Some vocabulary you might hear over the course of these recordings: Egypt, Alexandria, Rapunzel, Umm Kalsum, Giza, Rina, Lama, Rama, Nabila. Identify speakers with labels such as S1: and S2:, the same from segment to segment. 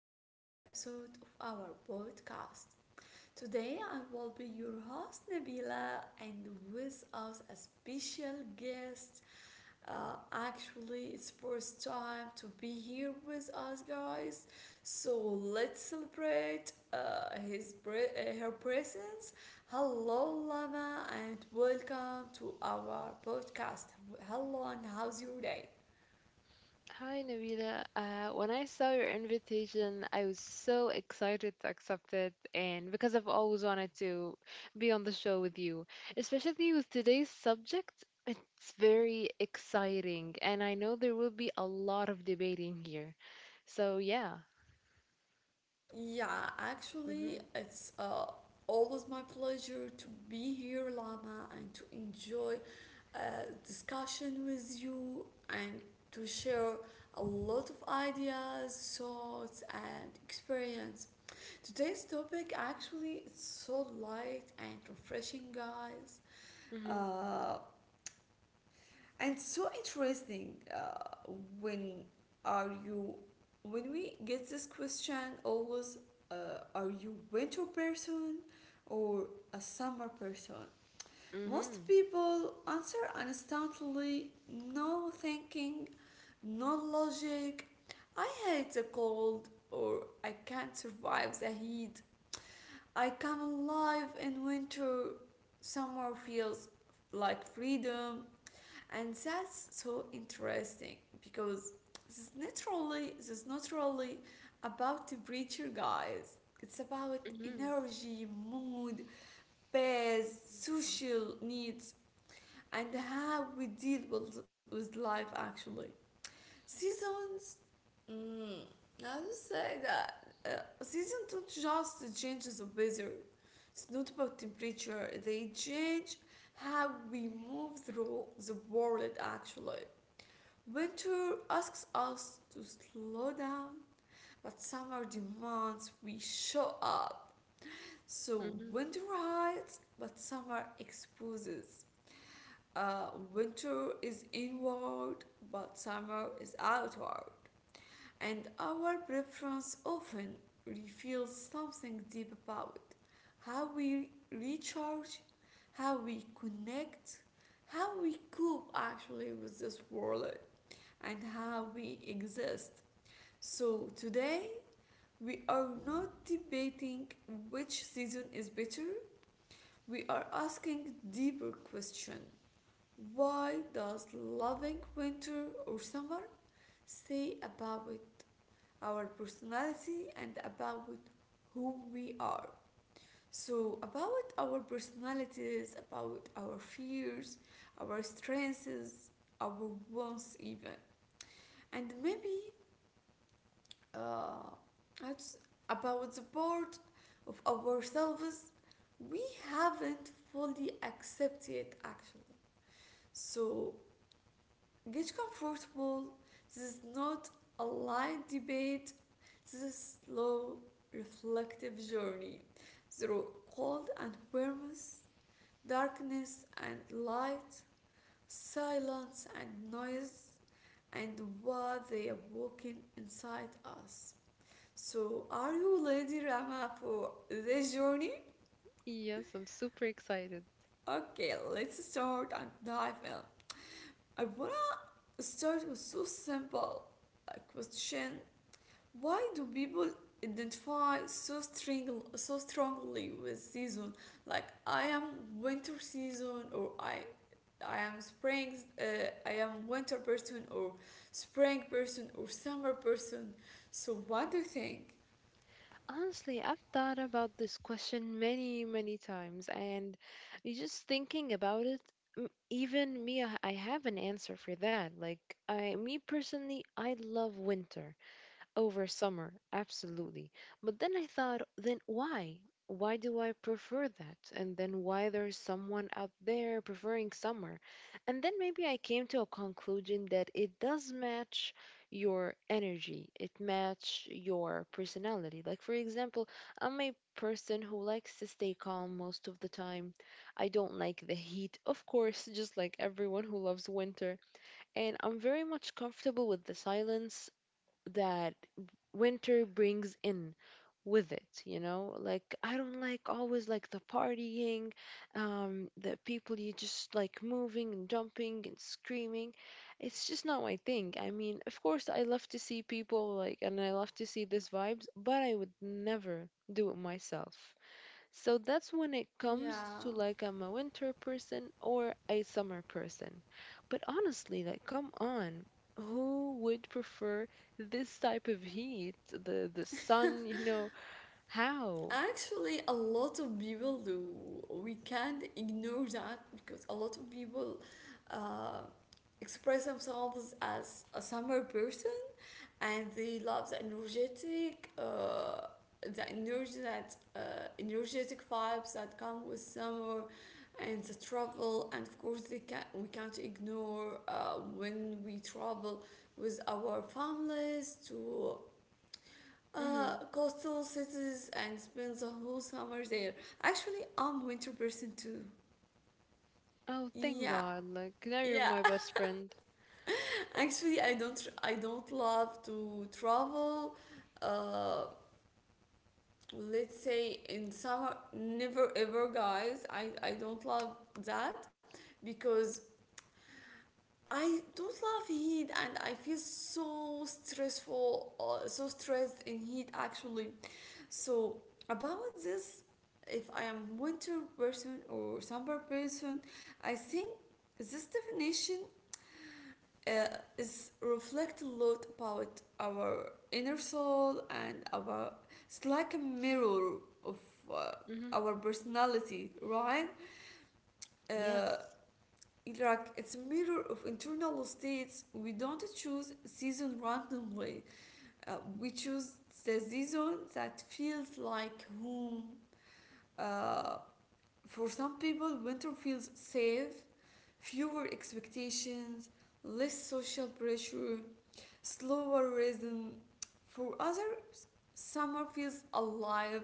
S1: to a new episode of our podcast. Today, I will be your host, Nabila, and with us a special guest. Actually, it's first time to be here with us, guys. So let's celebrate her presence. Hello, Lama, and welcome to our podcast. Hello, and how's your day?
S2: Hi, Nabila. When I saw your invitation, I was so excited to accept it, and because I've always wanted to be on the show with you, especially with today's subject, it's very exciting, and I know there will be a lot of debating here. So, yeah.
S1: Yeah, actually,
S2: Mm-hmm.
S1: it's always my pleasure to be here, Lama, and to enjoy uh, discussion with you and to share a lot of ideas, thoughts, and experience. Today's topic actually is so light and refreshing, guys.
S2: Mm-hmm.
S1: Uh, and so interesting when are you when we get this question always, are you winter person or a summer person? Most
S2: Mm-hmm.
S1: people answer instantly, no thinking, no logic. I hate the cold, or I can't survive the heat. I come alive in winter. Summer feels like freedom. And that's so interesting because this naturally, this is not really about temperature, guys, it's about
S2: Mm-hmm.
S1: energy, mood, pace, social needs, and how we deal with life actually, seasons. mm, I would say that seasons don't just change the weather, it's not about temperature. They change how we move through the world actually. Winter asks us to slow down, but summer demands we show up. So
S2: Mm-hmm.
S1: winter hides, but summer exposes. Winter is inward, but summer is outward. And our preference often reveals something deep about how we recharge, how we connect, how we cope actually with this world, and how we exist. So, today we are not debating which season is better, we are asking deeper question. Why does loving winter or summer say about our personality and about who we are? So, about our personalities, about our fears, our strengths, our wants, even. And maybe uh, it's about the part of ourselves we haven't fully accepted actually. So get comfortable. This is not a light debate. This is a slow, reflective journey through cold and warmth, darkness and light, silence and noise, and what they awaken inside us. So, are you ready, Rama, for this journey?
S2: Yes, I'm super excited.
S1: Okay, let's start and dive in. I wanna start with so simple a question. Why do people identify so strongly with season? Like I am winter season, or I am spring. I am winter person, or spring person, or summer person. So, what do you think?
S2: Honestly, I've thought about this question many, many times, and you just thinking about it, even me, I have an answer for that. Like, me personally, I love winter over summer absolutely. But then I thought, then why do I prefer that, and then why there's someone out there preferring summer? And then maybe I came to a conclusion that it does match your energy, it match your personality. Like, for example, I'm a person who likes to stay calm most of the time. I don't like the heat of course, just like everyone who loves winter. And I'm very much comfortable with the silence that winter brings in with it. Like, I don't like always like the partying, the people, you just like moving and jumping and screaming. It's just not my thing. I mean, of course, I love to see people like, and I love to see this vibes, but I would never do it myself. So that's when it comes
S1: Yeah,
S2: to like I'm a winter person or a summer person. But honestly, like, come on, who would prefer this type of heat? The sun, you know, how?
S1: actually, a lot of people do. We can't ignore that because a lot of people uh, express themselves as a summer person and they love the energy that energetic vibes that come with summer and the travel. And of course, they can we can't ignore when we travel with our families to
S2: Hmm.
S1: coastal cities and spends a whole summer there. Actually, I'm winter person too.
S2: Oh, thank
S1: Yeah,
S2: God. Like now you're
S1: yeah.
S2: my best friend.
S1: Actually, I don't love to travel. Uh, let's say in summer, never ever, guys. I don't love that because I don't love heat and I feel so stressful, so stressed in heat actually. So about this, if I am winter person or summer person, I think this definition is reflect a lot about our inner soul and our. It's like a mirror of uh,
S2: Hmm.
S1: our personality, right? Uh,
S2: Yes.
S1: it's a mirror of internal states. We don't choose season randomly. We choose the season that feels like home. uh, For some people, winter feels safe, fewer expectations, less social pressure, slower rhythm. For others, summer feels alive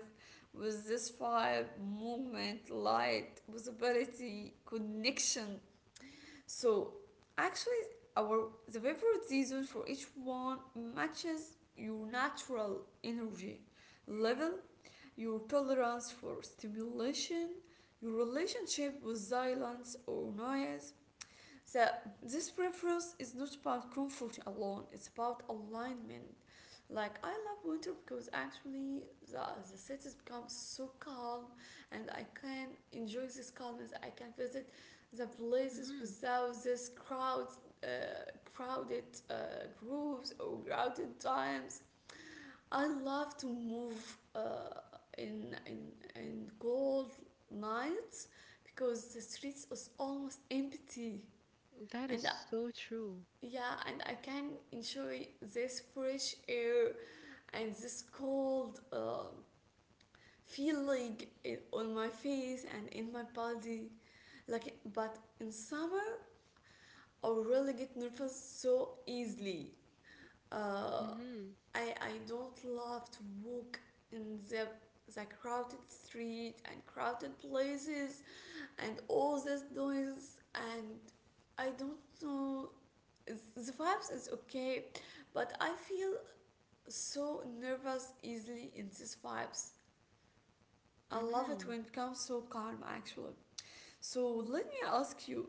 S1: with this vibe, movement, light, visibility, connection. So actually, our the favorite season for each one matches your natural energy level, your tolerance for stimulation, your relationship with silence or noise. So, this preference is not about comfort alone, it's about alignment. Like, I love winter because actually the, the cities become so calm and I can enjoy this calmness. I can visit the places
S2: Hmm.
S1: without this crowd, uh, crowded groups or crowded times. I love to move in cold nights because the streets is almost empty,
S2: That is
S1: and
S2: so true.
S1: yeah, and I can enjoy this fresh air and this cold feeling on my face and in my body. Like but in summer I really get nervous so easily. uh,
S2: Hmm.
S1: I don't love to walk in the crowded street and crowded places and all this noise, and I don't know, the vibes is okay, but I feel so nervous easily in these vibes. I love it
S2: Hmm.
S1: when it becomes so calm actually. So let me ask you,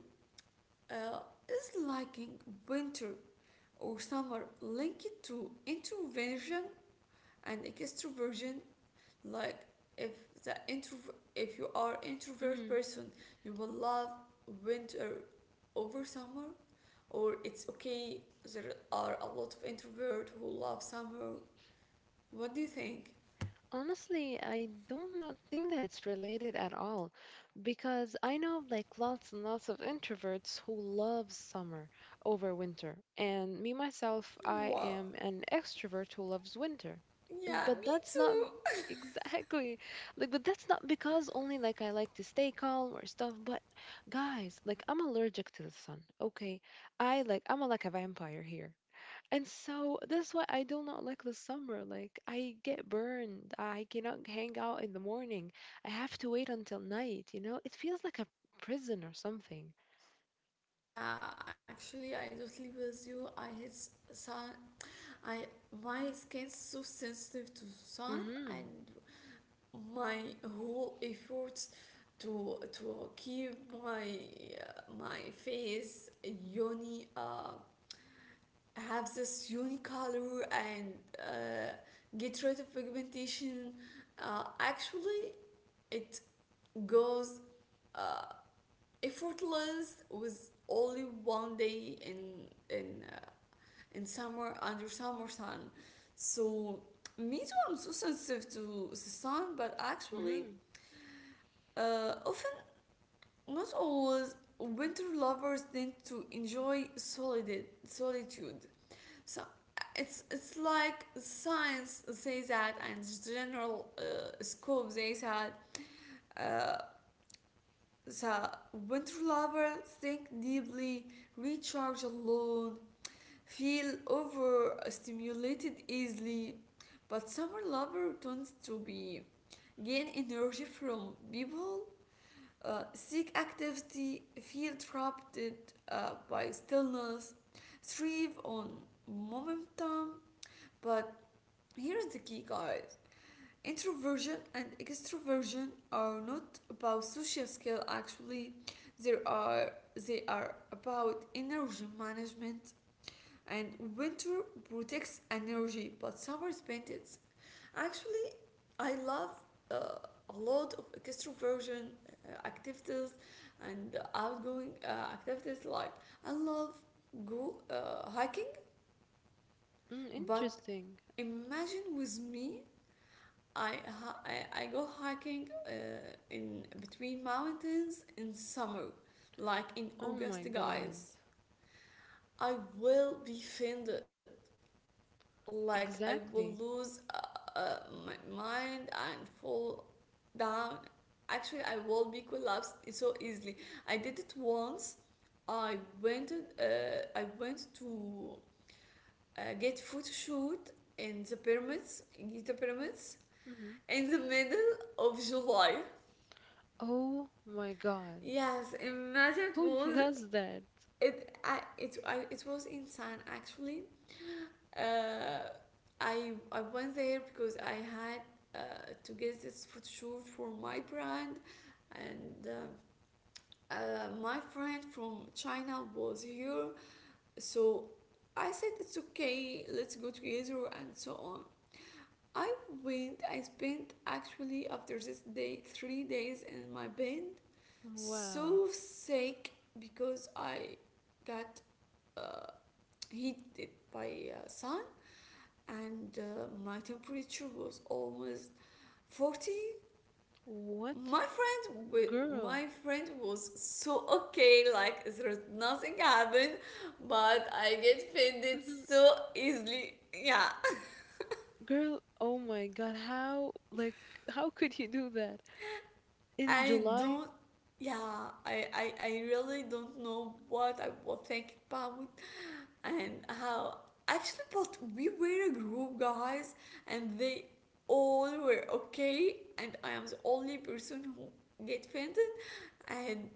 S1: uh, is liking winter or summer linked to introversion and extroversion? Like if the introvert if you are introvert
S2: Hmm.
S1: person, you will love winter over summer, or it's okay, there are a lot of introvert who love summer? What do you think?
S2: Honestly, I do not think that it's related at all, because I know like lots and lots of introverts who love summer over winter. And me myself, I
S1: Wow,
S2: am an extrovert who loves winter.
S1: yeah,
S2: But
S1: me
S2: that's not
S1: too.
S2: exactly like, but that's not because only like I like to stay calm or stuff, but guys, like, I'm allergic to the sun. Okay. I like I'm like a vampire here. And so that's why I do not like the summer. Like I get burned. I cannot hang out in the morning. I have to wait until night, you know? It feels like a prison or something.
S1: Yeah, actually I totally with you, I hate sun. I My skin's so sensitive to sun, and
S2: Mhm.
S1: my whole efforts to keep my my face uni have this uni color and get rid of pigmentation, actually it goes uh, effortless with only one day in summer under summer sun. So me too, I'm so sensitive to the sun. But actually
S2: Mhm.
S1: often, not always, winter lovers tend to enjoy solid solitude. So it's like science says that, and general scope they said. Uh, so winter lovers think deeply, recharge alone, feel overstimulated easily, but summer lover tends to be, gain energy from people, seek activity, feel interrupted by stillness, thrive on momentum. But here is the key, guys, introversion and extroversion are not about social skill actually, there are they are about energy management. And winter protects energy, but summer spends it. Actually, I love uh, a lot of extroversion activities and outgoing activities. Like I love go hiking,
S2: Mm,
S1: but
S2: interesting.
S1: imagine with me, I go hiking in between mountains in summer, like in
S2: Oh my
S1: August,
S2: God.
S1: guys. I will be offended. Like I will
S2: Exactly.
S1: lose uh, my mind and fall down. Actually, I will be collapsed so easily. I did it once. I went. Uh, I went to get photo shoot in the pyramids, in Giza pyramids,
S2: Mhm.
S1: in the middle of July.
S2: Oh my God.
S1: Yes, imagine
S2: Who does that?
S1: it was insane actually. Uh, I went there because I had to get this photo shoot for my brand, and my friend from China was here, so I said it's okay, let's go together and so on. I went. I spent actually after this day 3 days in my bed,
S2: Wow.
S1: so sick because I got uh, heated by sun, and my temperature was almost 40.
S2: What?
S1: my friend
S2: Girl.
S1: my friend was so okay, like there's nothing happened, but I get offended
S2: Mhm.
S1: so easily. Yeah.
S2: Girl, oh my God. How like how could you do that? In
S1: i
S2: July?
S1: don't I really don't know what I was thinking about and how actually. But we were a group, guys, and they all were okay, and I am the only person who get offended. And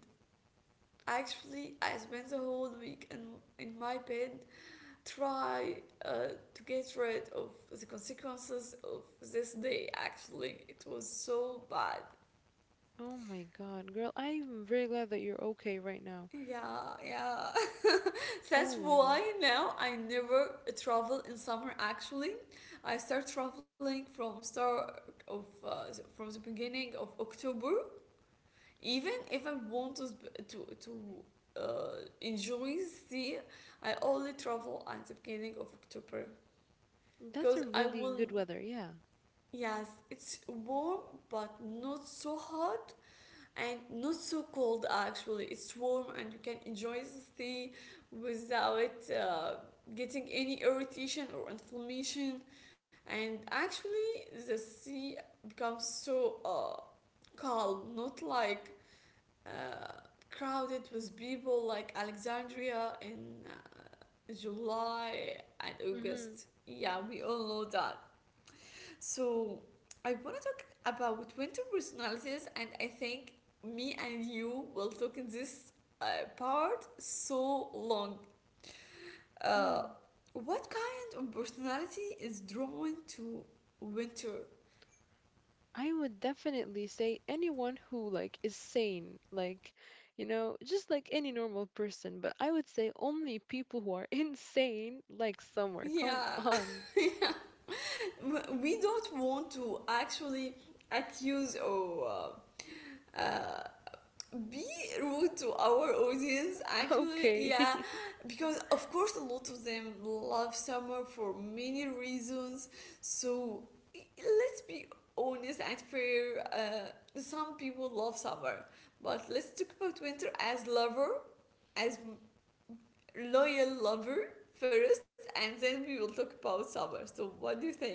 S1: actually I spent the whole week in my bed, try uh, to get rid of the consequences of this day. Actually it was so bad.
S2: Oh my God, girl, I'm very glad that you're okay right now.
S1: Yeah, yeah. That's
S2: Oh my God.
S1: why now I never travel in summer actually. I start traveling from start of from the beginning of October, even if I want to uh, enjoy sea, I only travel at the beginning of October
S2: That's a
S1: because I
S2: really
S1: will.
S2: good weather, yeah.
S1: Yes, it's warm but not so hot and not so cold. Actually, it's warm and you can enjoy the sea without getting any irritation or inflammation. And actually, the sea becomes so calm, not like uh, crowded with people like Alexandria in July and
S2: Mm-hmm.
S1: August. Yeah, we all know that. So I want to talk about winter personalities, and I think me and you will talk in this uh, part so long. Uh,
S2: Mm.
S1: what kind of personality is drawn to winter?
S2: I would definitely say anyone who like is sane, like, you know, just like any normal person, but I would say only people who are insane, like summer. Come
S1: Yeah,
S2: on.
S1: we don't want to actually accuse or uh, uh, be rude to our audience actually, yeah,
S2: Okay.
S1: because of course a lot of them love summer for many reasons. So let's be honest and fair, some people love summer, but let's talk about winter as lover, as loyal lover first, and then we will talk about summer. So what do you think?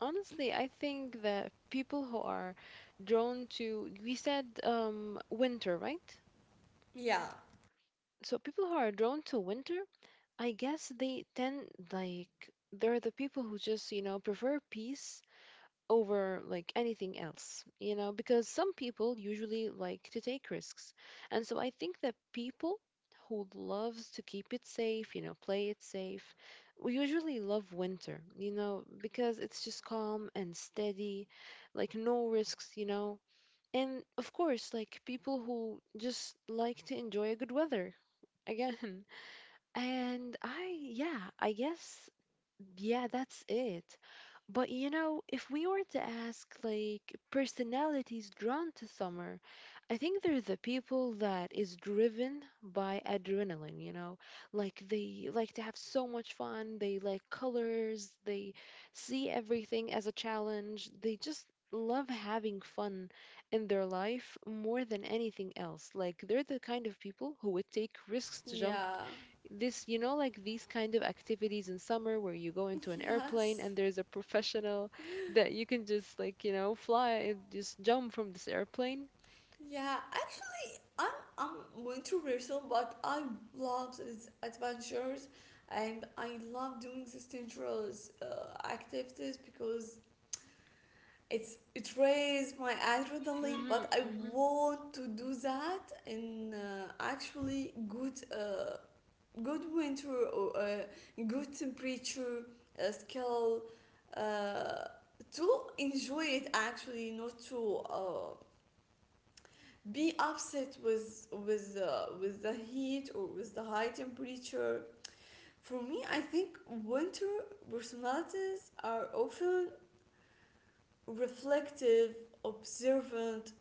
S2: Honestly, I think that people who are drawn to, we said winter, right?
S1: Yeah,
S2: So people who are drawn to winter, I guess they tend, like, they're the people who just, you know, prefer peace over like anything else, you know, because some people usually like to take risks. And so I think that people who loves to keep it safe, you know, play it safe, we usually love winter, you know, because it's just calm and steady, like no risks, you know. And of course, like people who just like to enjoy a good weather again. And I, yeah, I guess, yeah, that's it. But you know, if we were to ask like personalities drawn to summer, I think they're the people that is driven by adrenaline, you know? Like they like to have so much fun, they like colors, they see everything as a challenge. They just love having fun in their life more than anything else. Like they're the kind of people who would take risks to jump
S1: yeah.
S2: this, you know, like these kind of activities in summer where you go into an
S1: Yes.
S2: airplane and there's a professional that you can just like, you know, fly and just jump from this airplane.
S1: Yeah, I I'm I'm an person, but I love these adventures, and I love doing these dangerous activities because it raises my adrenaline. But I
S2: Mhm.
S1: want to do that in actually good good winter or good temperature scale. Uh, to enjoy it actually, not to be upset with the heat or with the high temperature. For me, I think winter personalities are often reflective, observant,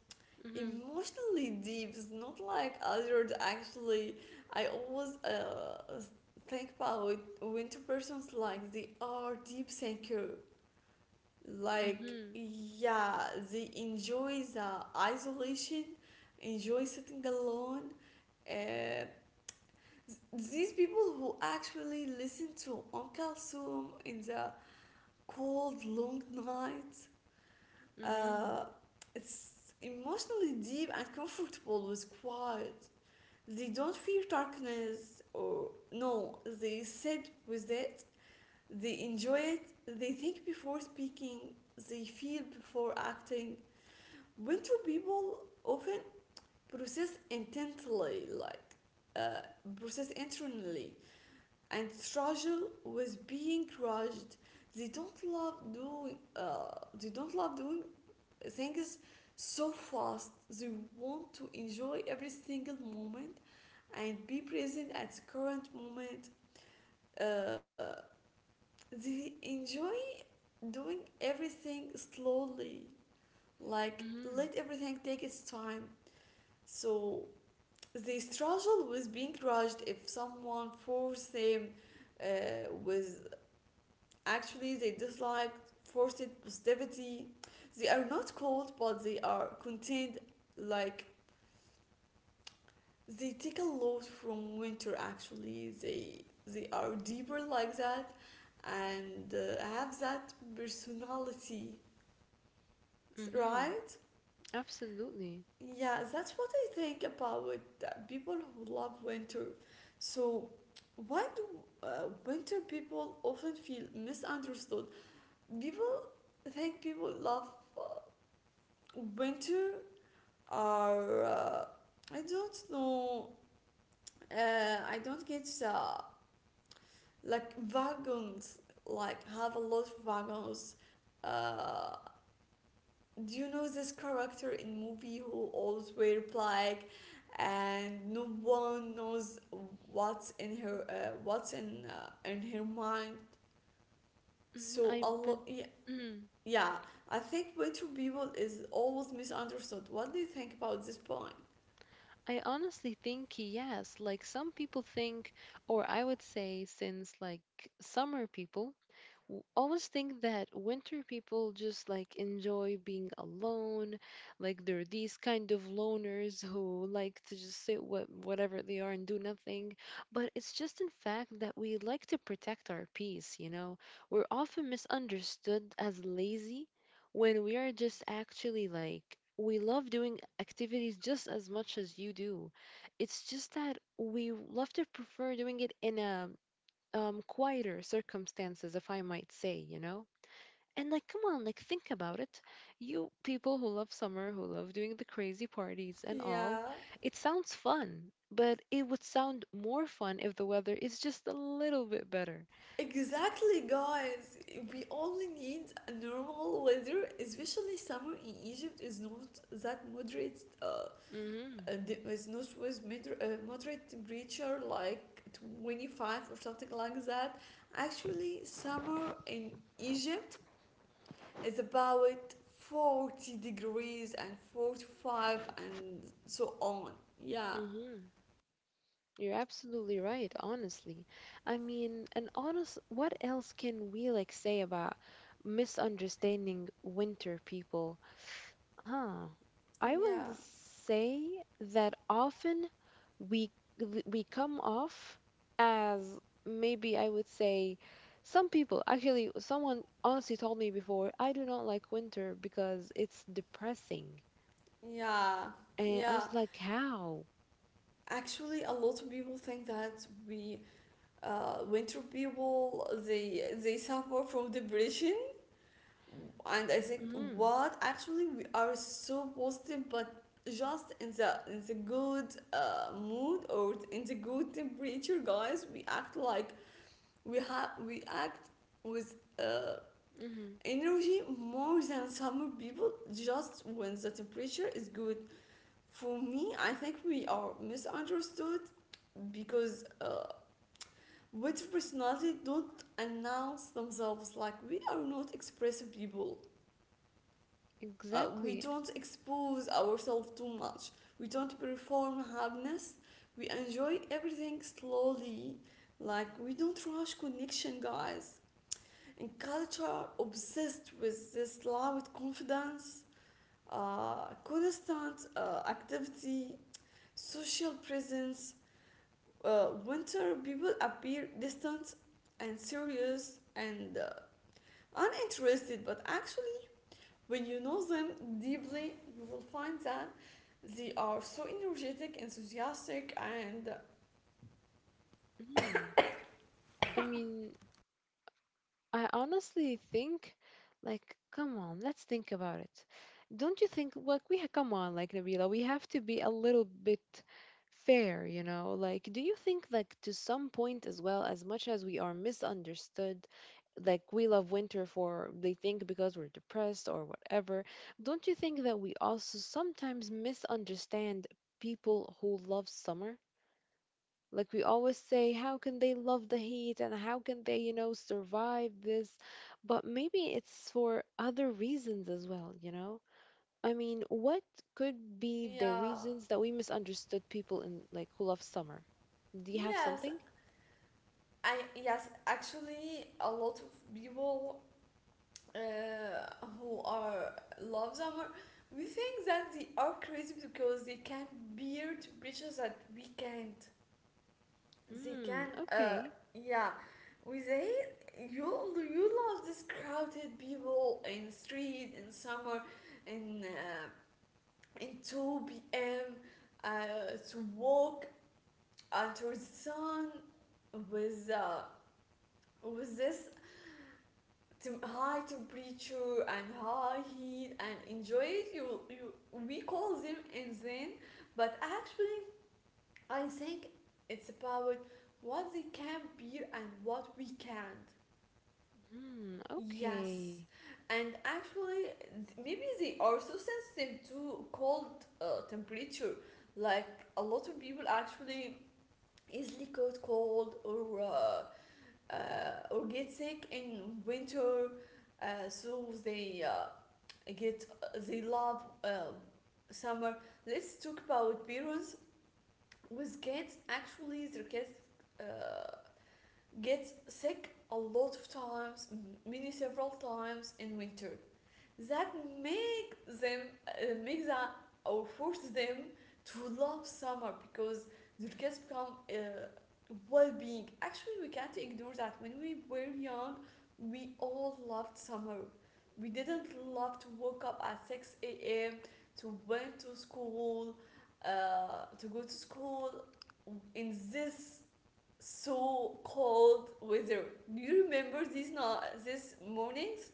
S2: Mhm.
S1: emotionally deep. It's not like others. Actually, I always think about winter persons like they are deep thinker. Like,
S2: Mhm.
S1: yeah, they enjoy the isolation, enjoy sitting alone. Uh, these people who actually listen to Kalsum in the cold, long nights,
S2: Mhm. Mhm.
S1: uh, it's emotionally deep and comfortable with quiet. They don't fear darkness or no, they sit with it, they enjoy it, they think before speaking, they feel before acting. Winter people often process intently, uh, process internally, and struggle with being crushed. They don't love doing. They don't love doing things so fast. They want to enjoy every single moment and be present at the current moment. Uh, they enjoy doing everything slowly, like
S2: Mhm.
S1: let everything take its time. So they struggle with being judged if someone forced them, with actually they dislike forced positivity. They are not cold but they are contained, like they take a lot from winter. Actually, they are deeper like that and have that personality,
S2: Mhm.
S1: right.
S2: Absolutely.
S1: Yeah, that's what I think about people who love winter. So, why do uh, winter people often feel misunderstood? People think people love uh, winter are I don't know. I don't get like wagons, like have a lot of wagons. Uh, do you know this character in movie who always wear black and no one knows what's in in her mind?
S2: Mhm.
S1: So a lot, yeah,
S2: Mm.
S1: yeah. I think winter people is always misunderstood. What do you think about this point?
S2: I honestly think yes. Like some people think, or I would say, since like summer people, always think that winter people just like enjoy being alone. Like they're these kind of loners who like to just sit what whatever they are and do nothing. But it's just in fact that we like to protect our peace, you know. We're often misunderstood as lazy when we are just actually like we love doing activities just as much as you do. It's just that we love to prefer doing it in a quieter circumstances, if I might say, you know? And like, come on, like, think about it. You people who love summer, who love doing the crazy parties and all,
S1: Yeah,
S2: it sounds fun, but it would sound more fun if the weather is just a little bit better.
S1: exactly, guys. We only need a normal weather, especially summer in Egypt is not that moderate.
S2: Mm-hmm.
S1: It was not was moder- Moderate temperature like 25 or something like that. Actually, summer in Egypt is about 40 degrees and 45 and so on. Yeah.
S2: Mm-hmm. You're absolutely right, honestly. I mean, and honest, what else can we like say about misunderstanding winter people? Huh. I
S1: Yeah,
S2: will say that often we we come off as, maybe I would say, some people actually, someone honestly told me before, I do not like winter because it's depressing.
S1: yeah,
S2: And I
S1: yeah,
S2: was like, how?
S1: actually a lot of people think that we, winter people, they suffer from depression. And I said,
S2: Mhm.
S1: "What? Actually, we are so positive, but just in the good mood or in the good temperature, guys. We act like we have, we act with
S2: Mhm.
S1: energy more than some people. Just when the temperature is good. For me, I think we are misunderstood because." With personality don't announce themselves, like we are not expressive people. We
S2: Exactly.
S1: don't expose ourselves too much. We don't perform happiness. We enjoy everything slowly. Like, we don't rush connection, guys. And culture obsessed with this loud confidence, constant activity, social presence. Winter people appear distant and serious and uninterested, but actually when you know them deeply, you will find that they are so energetic, enthusiastic, and
S2: Mhm. I mean, I honestly think, like, come on, let's think about it. Don't you think, like, come on, like, Nabila, we have to be a little bit fair, you know? Like, do you think, like, to some point as well, as much as we are misunderstood, like, we love winter for, they think because we're depressed or whatever, don't you think that we also sometimes misunderstand people who love summer? Like we always say, how can they love the heat, and how can they, you know, survive this? But maybe it's for other reasons as well, you know? I mean, what could be the
S1: yeah.
S2: reasons that we misunderstood people in like who love summer? Do you have
S1: Yes,
S2: something?
S1: I yes, actually, a lot of people who are love summer, we think that they are crazy because they can bear temperatures that we can't. They
S2: Hmm,
S1: can,
S2: okay.
S1: yeah, we say, you, love this crowded people in street in summer in and 2 p.m. To walk under the sun with this high temperature and high heat and enjoy it. You We call them insane, but actually I think it's about what they can bear and what we can't.
S2: Hmm,
S1: Yes.
S2: okay.
S1: And actually, maybe they are so sensitive to cold temperature. Like, a lot of people actually easily caught cold uh, or get sick in winter, so they get, they love, summer. Let's talk about parents with kids. Actually, their kids uh, get sick a lot of times, many several times in winter, that make them, make that or force them to love summer because their kids become well-being. Actually, we can't ignore that when we were young we all loved summer. We didn't love to wake up at 6 a.m. to went to school, to go to school in this so cold weather. Do you remember these, not these mornings?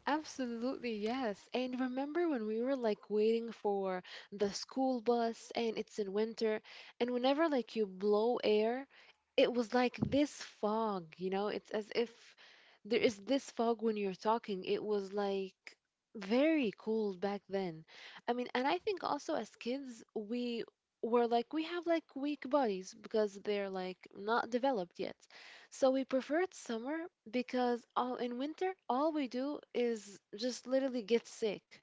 S2: Absolutely, yes. And remember when we were like waiting for the school bus and it's in winter, and whenever like you blow air, it was like this fog, you know? It's as if there is this fog when you're talking. It was like very cold back then. I mean, and I think also as kids, we were like, we have like weak bodies because they're like not developed yet. So we preferred summer because all in winter all we do is just literally get sick.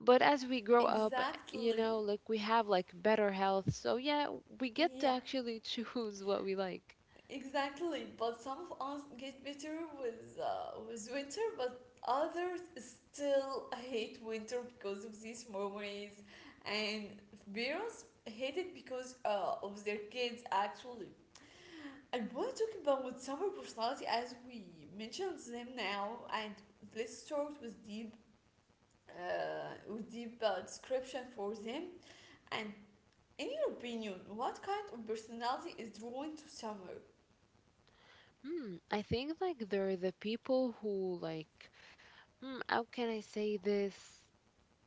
S2: But as we grow up, you
S1: Exactly.
S2: know, like we have like better health. So yeah, we get to
S1: Yeah,
S2: actually choose what we like.
S1: exactly. But some of us get better with winter, but others still hate winter because of these memories, and parents hate it because of their kids. Actually, I want to talk about summer personality as we mentioned them now, and let's start with deep description for them. And in your opinion, what kind of personality is drawn to summer?
S2: Hmm, I think like they're the people who like, hmm, how can I say this?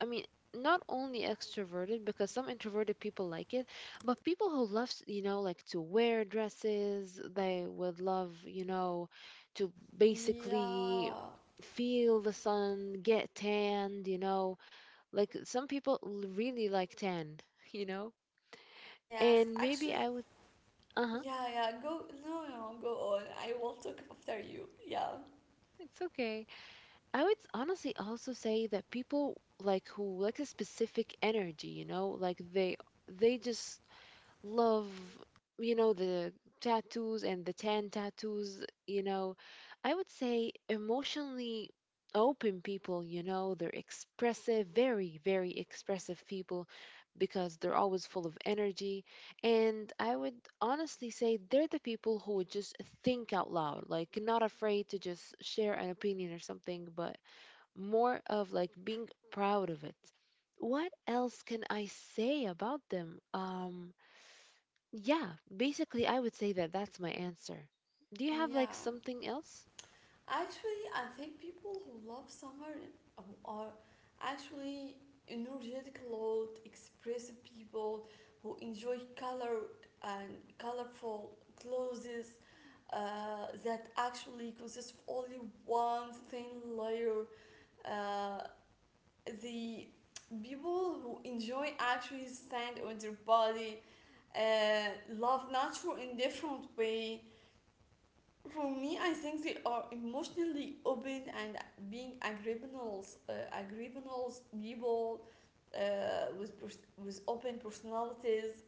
S2: I mean, not only extroverted because some introverted people like it, but people who love, you know, like to wear dresses, they would love, you know, to basically
S1: Yeah.
S2: feel the sun, get tanned, you know. Like some people really like tan, you know.
S1: Yes.
S2: And maybe
S1: Actually,
S2: I would, uh-huh,
S1: yeah, yeah. Go. No, no, no. Go on. I will talk after you. Yeah.
S2: it's okay. I would honestly also say that people like who like a specific energy, you know, like they just love, you know, the tattoos and the tan tattoos, you know. I would say emotionally open people, you know, they're expressive, very, very expressive people because they're always full of energy. And I would honestly say they're the people who would just think out loud, like not afraid to just share an opinion or something, but more of like being proud of it. What else can I say about them? Yeah, basically, I would say that that's my answer. Do you have like
S1: Yeah,
S2: something else?
S1: actually, I think people who love summer are actually energetic, loud, expressive people who enjoy color and colorful clothes, that actually consist of only one thin layer. uh, the people who enjoy actually stand on their body, uh, love nature in different way. For me, I think they are emotionally open and being agreeables people uh, with open personalities.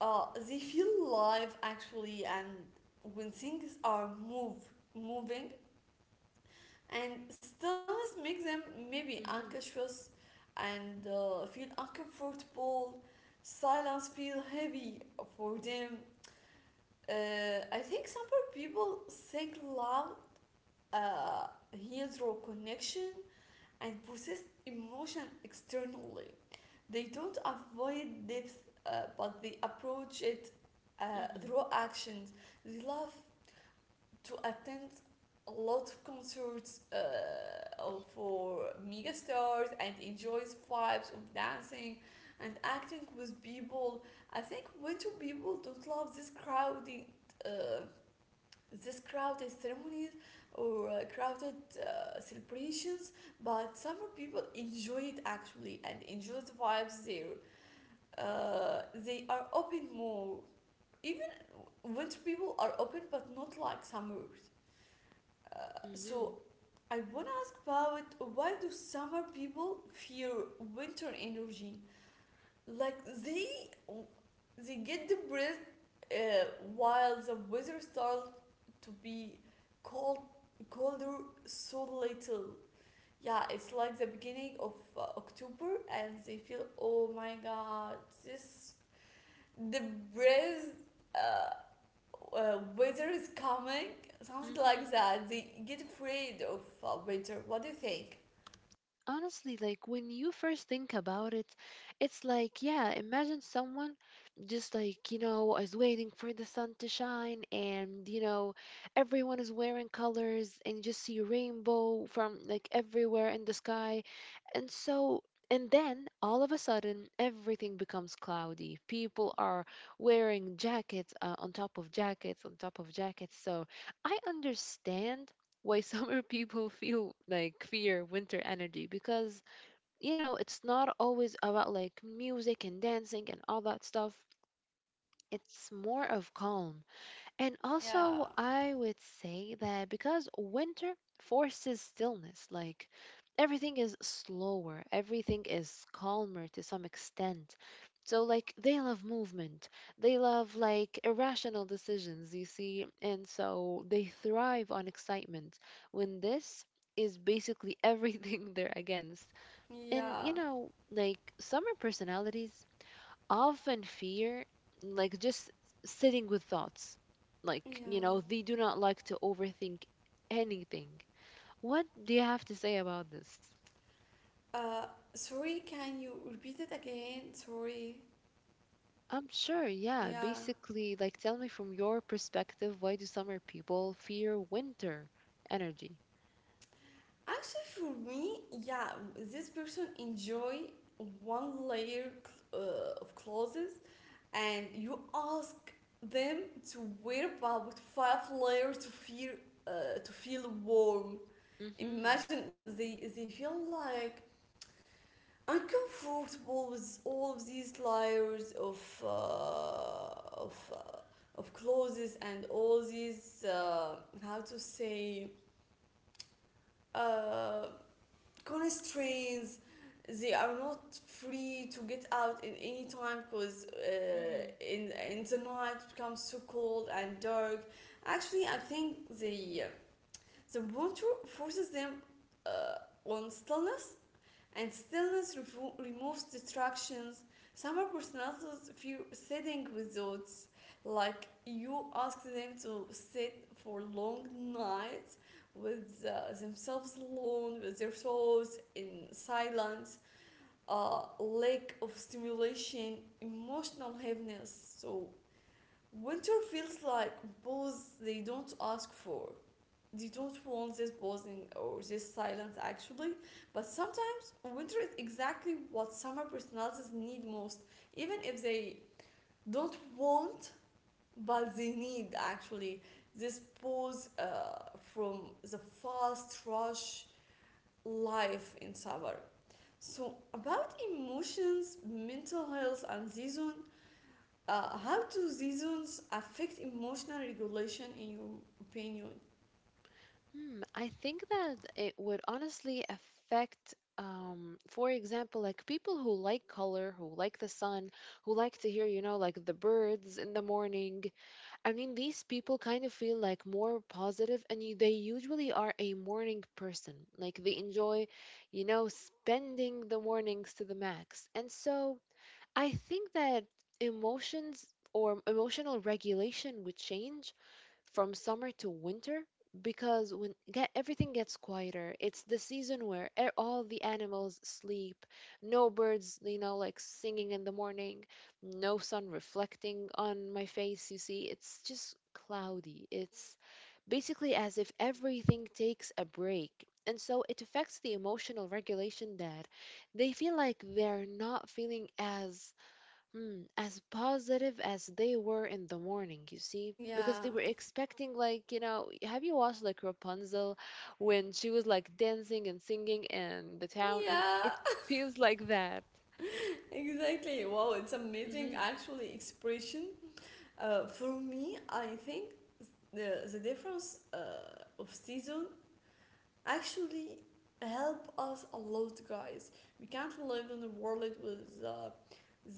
S1: They feel alive actually, and when things are move moving, and stillness makes them maybe
S2: Mm-hmm.
S1: anxious and feel uncomfortable. Silence feel heavy for them. I think some people think love uh, heals raw connection and process emotion externally. They don't avoid depth, but they approach it through actions. They love to attend a lot of concerts for mega stars and enjoys vibes of dancing and acting with people. I think winter people don't love uh, this crowded ceremonies or crowded celebrations, but summer people enjoy it actually and enjoy the vibes there. They are open more. Even winter people are open, but not like summers.
S2: Mm-hmm.
S1: So I wanna ask, about why do summer people fear winter energy? Like, they get depressed, uh, while the weather starts to be cold colder so little. Yeah, it's like the beginning of October, and they feel, oh my god, this depressed, uh, winter is coming, something like
S2: Mm-hmm.
S1: that. They get afraid of winter. What do you think?
S2: Honestly, like when you first think about it, it's like, yeah, imagine someone just like, you know, is waiting for the sun to shine, and you know, everyone is wearing colors and you just see a rainbow from like everywhere in the sky. And so, and then all of a sudden everything becomes cloudy, people are wearing jackets on top of jackets on top of jackets. So I understand why summer people feel like fear winter energy, because you know it's not always about like music and dancing and all that stuff. It's more of calm. And also,
S1: Yeah,
S2: I would say that because winter forces stillness, like everything is slower, everything is calmer to some extent. So, like, they love movement, they love like irrational decisions, you see, and so they thrive on excitement, when this is basically everything they're against. And you
S1: yeah,
S2: know, like, summer personalities often fear like just sitting with thoughts, like, you
S1: yeah.
S2: know, they do not like to overthink anything. What do you have to say about this?
S1: Uh, Sorry, can you repeat it again? Sorry.
S2: I'm sure. Yeah,
S1: Yeah.
S2: basically, like, tell me from your perspective, why do summer people fear winter energy?
S1: Actually, for me, yeah, this person enjoy one layer, of clothes, and you ask them to wear about five layers to feel, warm.
S2: Mm-hmm.
S1: Imagine they feel like uncomfortable with all of these layers of clothes and all these, how to say uh, constraints. They are not free to get out in any time because,
S2: Mm-hmm.
S1: in the night it becomes so cold and dark. Actually, I think the winter forces them uh, on stillness, and stillness removes distractions. Some personalities fear sitting with thoughts, like, you ask them to sit for long nights with themselves alone, with their thoughts in silence, lack of stimulation, emotional heaviness. So winter feels like both. They don't ask for they don't want this pausing or this silence, actually, but sometimes winter is exactly what summer personalities need most, even if they don't want, but they need actually this pause from the fast rush life in summer. So, about emotions, mental health and season, how do seasons affect emotional regulation in your opinion?
S2: Hmm. I think that it would honestly affect, for example, like people who like color, who like the sun, who like to hear, you know, like the birds in the morning. I mean, these people kind of feel like more positive, and they usually are a morning person. Like they enjoy, you know, spending the mornings to the max. And so I think that emotions or emotional regulation would change from summer to winter because everything gets quieter. It's the season where all the animals sleep, no birds, you know, like singing in the morning, no sun reflecting on my face. You see, it's just cloudy. It's basically as if everything takes a break. And so it affects the emotional regulation that they feel like they're not feeling as as positive as they were in the morning, you see, because
S1: Yeah,
S2: they were expecting, like, you know, have you watched like Rapunzel when she was like dancing and singing in the town, and it
S1: yeah.
S2: feels like that.
S1: Exactly. Wow, it's amazing
S2: Mm-hmm,
S1: actually expression. For me, I think the difference of season actually help us a lot, guys. We can't live in a world with,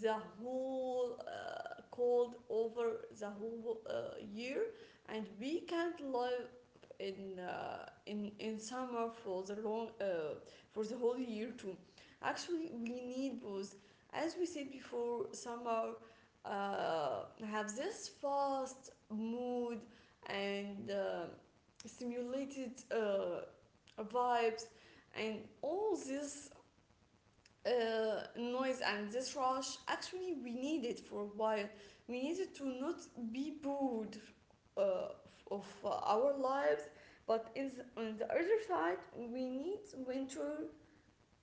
S1: the whole cold over the whole year, and we can't live in summer for the long for the whole year too. Actually, we need both. As we said before, summer uh, have this fast mood and stimulated vibes, and all this noise and this rush. Actually, we need it for a while. We needed to not be bored uh, of our lives, but, on the other side, we need winter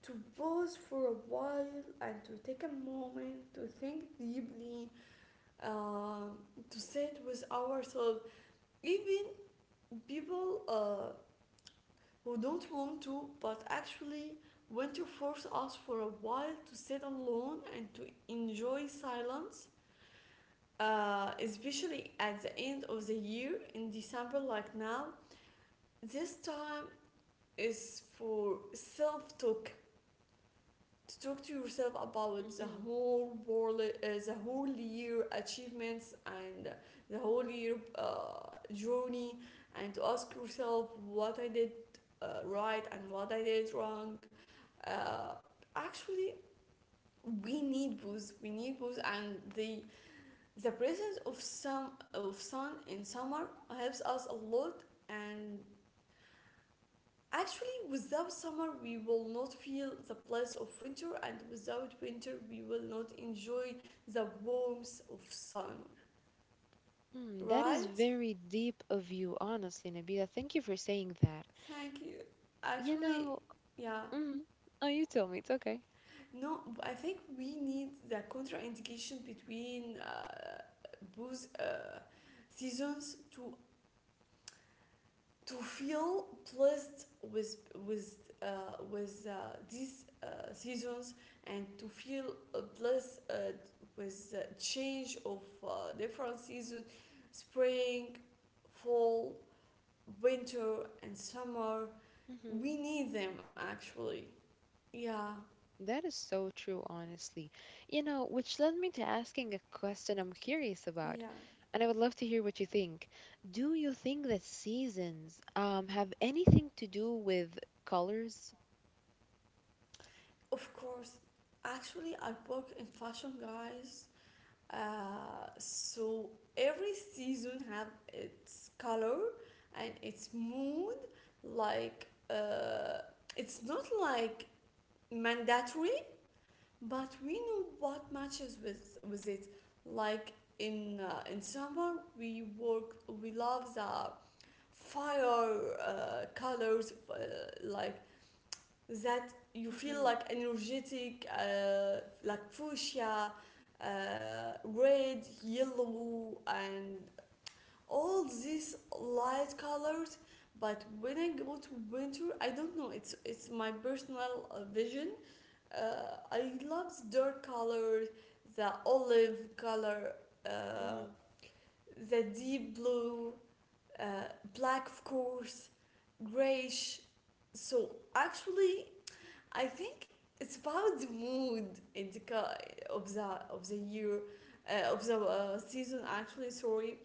S1: to pause for a while and to take a moment to think deeply, uh, to sit with ourselves. Even people, who don't want to, but actually want to force us for a while to sit alone and to enjoy silence, especially at the end of the year in December, like now. This time is for self talk, to talk to yourself about the
S2: mm-hmm.
S1: whole world, the whole year achievements and the whole year journey, and to ask yourself what I did right and what I did wrong. Uh, Actually, we need both. We need both, and the presence of some of sun in summer helps us a lot, and actually, without summer, we will not feel the bliss of winter, and without winter, we will not enjoy the warmth of sun.
S2: Hmm, that is
S1: Right?
S2: very deep of you, honestly, Nabila. Thank you for saying that.
S1: Thank you.
S2: You
S1: Actually,
S2: know,
S1: yeah.
S2: mm, oh, you tell me, it's okay.
S1: No, I think we need the contraindication between both seasons, to feel blessed with these seasons, and to feel, blessed with the change of different seasons: spring, fall, winter and summer.
S2: Mm-hmm.
S1: We need them, actually. Yeah.
S2: That is so true, honestly. You know, which led me to asking a question I'm curious
S1: yeah
S2: about, and I would love to hear what you think. Do you think that seasons have anything to do with colors?
S1: of course, actually I work in fashion, guys. So every season have its color and its mood. Like it's not like mandatory, but we know what matches with it. Like in summer, we work. We love the fire colors, like that you feel
S2: Mm-hmm,
S1: like energetic, like fuchsia, red, yellow, and all these light colors. But when I go to winter, I don't know. It's my personal vision. I love the dark color, the olive color, uh,
S2: mm-hmm,
S1: the deep blue, uh, black of course, grayish. So actually, I think it's about the mood of the of the year of the season. Actually, sorry.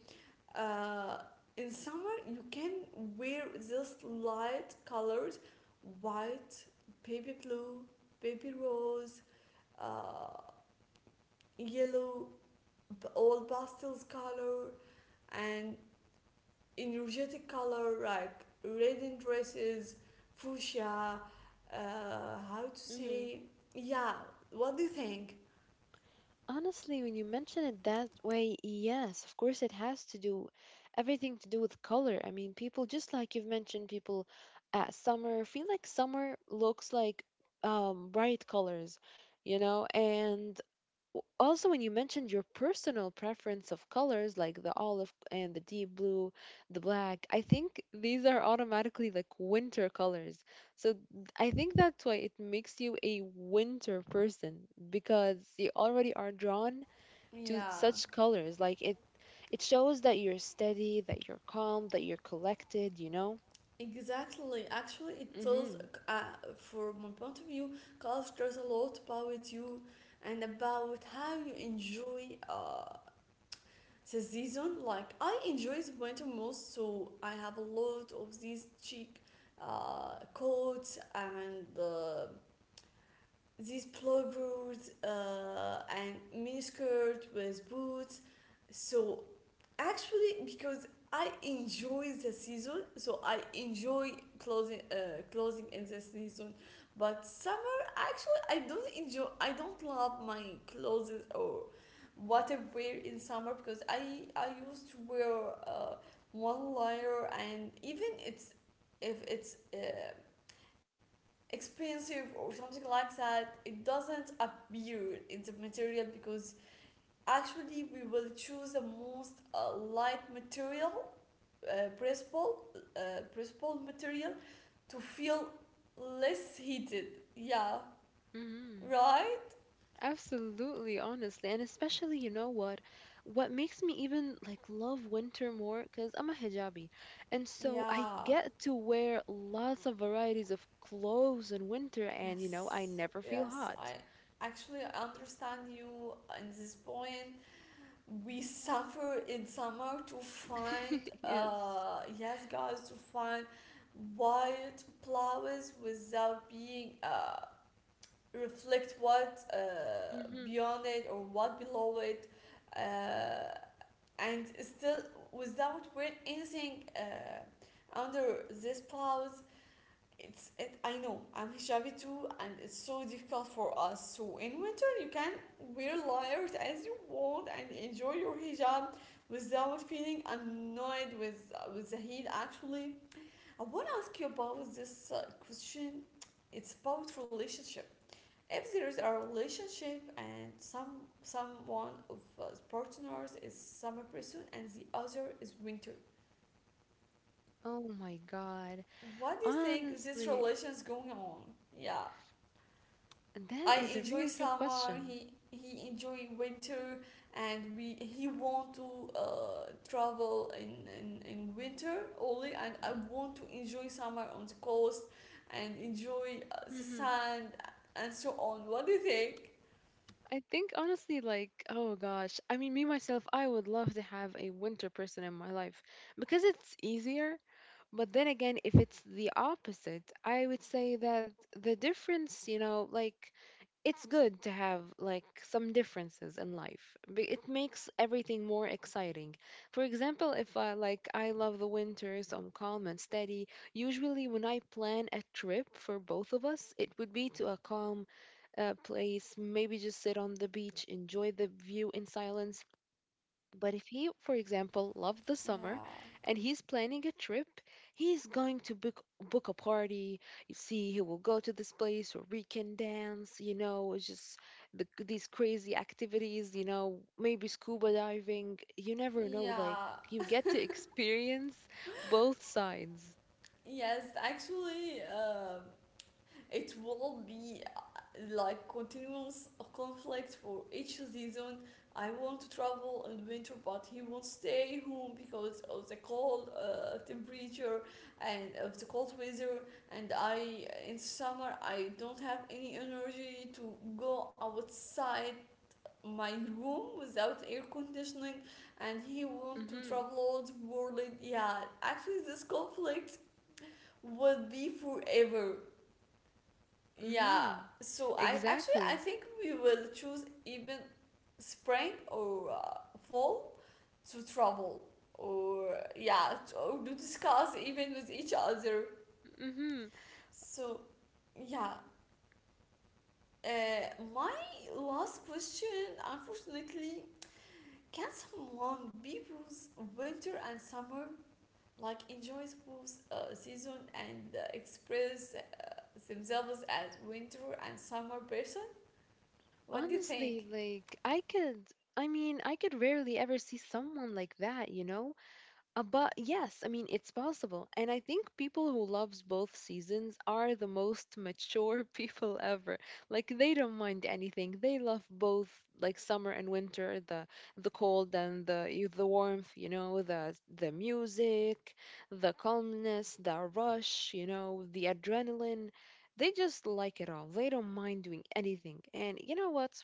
S1: Uh, in summer, you can wear just light colors, white, baby blue, baby rose, uh, yellow, all pastels color, and energetic color like red in dresses, fuchsia. How to
S2: mm-hmm.
S1: say? Yeah. What do you think?
S2: Honestly, when you mention it that way, yes, of course it has to do everything to do with color. I mean, people just like you've mentioned, people at summer feel like summer looks like bright colors, you know, and also, when you mentioned your personal preference of colors like the olive and the deep blue, the black, I think these are automatically like winter colors. So th- I think that's why it makes you a winter person because you already are drawn to
S1: Yeah.
S2: such colors. Like it shows that you're steady, that you're calm, that you're collected, you know?
S1: Exactly. Actually, it tells,
S2: Mhm.
S1: uh, from my point of view, color tells a lot about you and about how you enjoy the season. Like I enjoy the winter most, so I have a lot of these cheek coats and these plovers and miniskirt with boots. So actually, because I enjoy the season, so I enjoy clothing, clothing in the season. But summer, actually, I don't enjoy. I don't love my clothes or what I wear in summer because I used to wear uh, one layer and even it's if it's expensive or something like that, it doesn't appear in the material because actually we will choose the most light material uh, pressable, pressable material to feel less heated. Yeah.
S2: Mhm.
S1: Right.
S2: Absolutely, honestly, and especially, you know what? What makes me even like love winter more, because I'm a hijabi, and so I
S1: Yeah.
S2: get to wear lots of varieties of clothes in winter, and you know, I
S1: yes
S2: never feel
S1: yes
S2: hot.
S1: i actually understand you in this point. We suffer in summer to find,
S2: Yes.
S1: yes guys, to find white flowers without being, reflect what,
S2: Mm-hmm.
S1: beyond it or what below it, uh and still without wearing anything under these flowers. It's it i know, I'm hijabi too, and it's so difficult for us. So in winter you can wear layers as you want and enjoy your hijab without feeling annoyed with the heat. Actually, I want to ask you about this question. It's about relationship. If there is a relationship and someone of partners is summer person and the other is winter,
S2: Oh my God.
S1: what do you think this
S2: Honestly,
S1: relation is going on? Yeah.
S2: that
S1: I
S2: is a
S1: enjoy
S2: really good
S1: summer.
S2: question.
S1: He enjoy winter, and we he want to travel in winter only, and I want to enjoy summer on the coast and enjoy the
S2: Mm-hmm.
S1: sand and so on. What do you think?
S2: I think honestly, like, oh gosh, I mean, me myself, I would love to have a winter person in my life because it's easier. But then again, if it's the opposite, I would say that the difference, you know, like, it's good to have like some differences in life. It makes everything more exciting. For example, if I like I love the winter, so I'm calm and steady. Usually, when I plan a trip for both of us, it would be to a calm place, maybe just sit on the beach, enjoy the view in silence. But if he, for example, loves the summer
S1: Yeah,
S2: and he's planning a trip, he's going to book a party. You see, he will go to this place where we can dance, you know, it's just these crazy activities, you know, maybe scuba diving. You never know, like,
S1: yeah,
S2: you get to experience both sides.
S1: yes. Actually, um, it will be like continuous conflict for each season. I want to travel in winter, but he won't stay home because of the cold temperature and of the cold weather. And I, in summer, I don't have any energy to go outside my room without air conditioning. And he want to
S2: Mm-hmm.
S1: travel all the world. Yeah, actually, this conflict will be forever. Yeah,
S2: Mm-hmm.
S1: so I actually
S2: Exactly.
S1: I think we will choose even spring or fall to travel or yeah, or to discuss even with each other.
S2: Mm-hmm.
S1: So yeah, my last question, unfortunately, can someone be both winter and summer, like enjoys both season and express themselves as winter and summer person? What do you
S2: Honestly,
S1: think?
S2: like I could I mean, I could rarely ever see someone like that, you know? But yes, I mean, it's possible. And I think people who loves both seasons are the most mature people ever. Like they don't mind anything. They love both like summer and winter, the cold and the the warmth, you know, the music, the calmness, the rush, you know, the adrenaline. They just like it all. They don't mind doing anything. And you know what?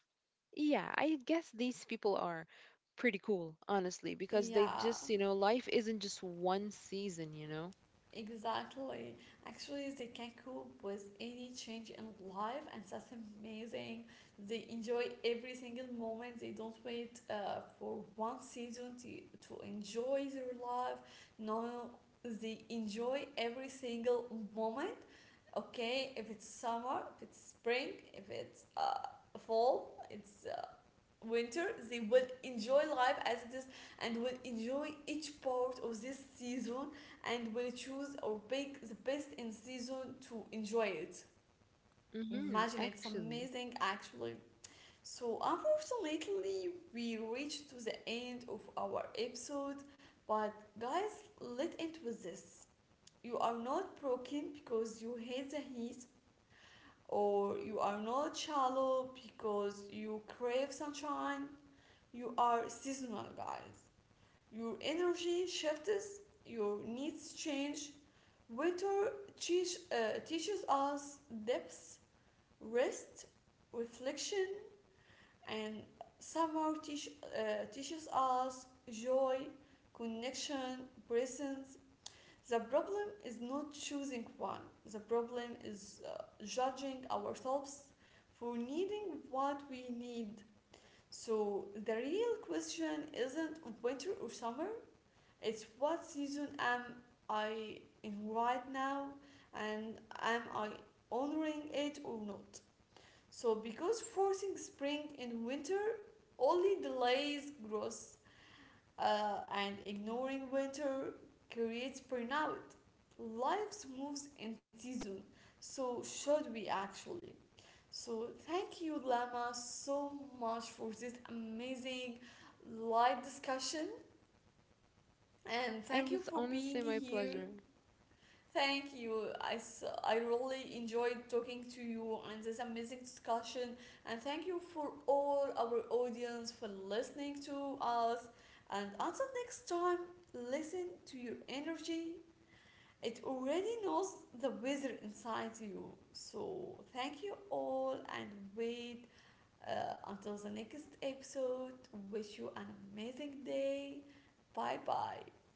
S2: Yeah, I guess these people are pretty cool, honestly, because they
S1: Yeah,
S2: just, you know, life isn't just one season, you know?
S1: exactly. Actually, they can cope with any change in life, and that's amazing. They enjoy every single moment. They don't wait for one season to enjoy their life. No, they enjoy every single moment. Okay, if it's summer, if it's spring, if it's fall, it's winter, they will enjoy life as it is and will enjoy each part of this season and will choose or pick the best in season to enjoy it.
S2: Mm-hmm,
S1: Imagine, it's
S2: actually.
S1: amazing actually. So unfortunately we reached to the end of our episode. But guys, let it with this: you are not broken because you hate the heat, or you are not shallow because you crave sunshine. You are seasonal, guys. Your energy shifts, your needs change. Winter teaches us depth, rest, reflection, and summer teaches us joy, connection, presence. The problem is not choosing one, the problem is judging ourselves for needing what we need. So the real question isn't winter or summer, it's what season am I in right now, and am I honoring it or not? So because forcing spring and winter only delays growth, and ignoring winter creates burnout. Life moves in season, so should we actually? So, thank you, Lama, so much for this amazing live discussion. And
S2: It
S1: thank you
S2: was
S1: for
S2: honestly
S1: being
S2: my
S1: here.
S2: pleasure.
S1: Thank you. I really enjoyed talking to you and this amazing discussion. And thank you for all our audience for listening to us. And until next time, listen to your energy. It already knows the weather inside you. So, thank you all and wait until the next episode, wish you an amazing day. Bye bye.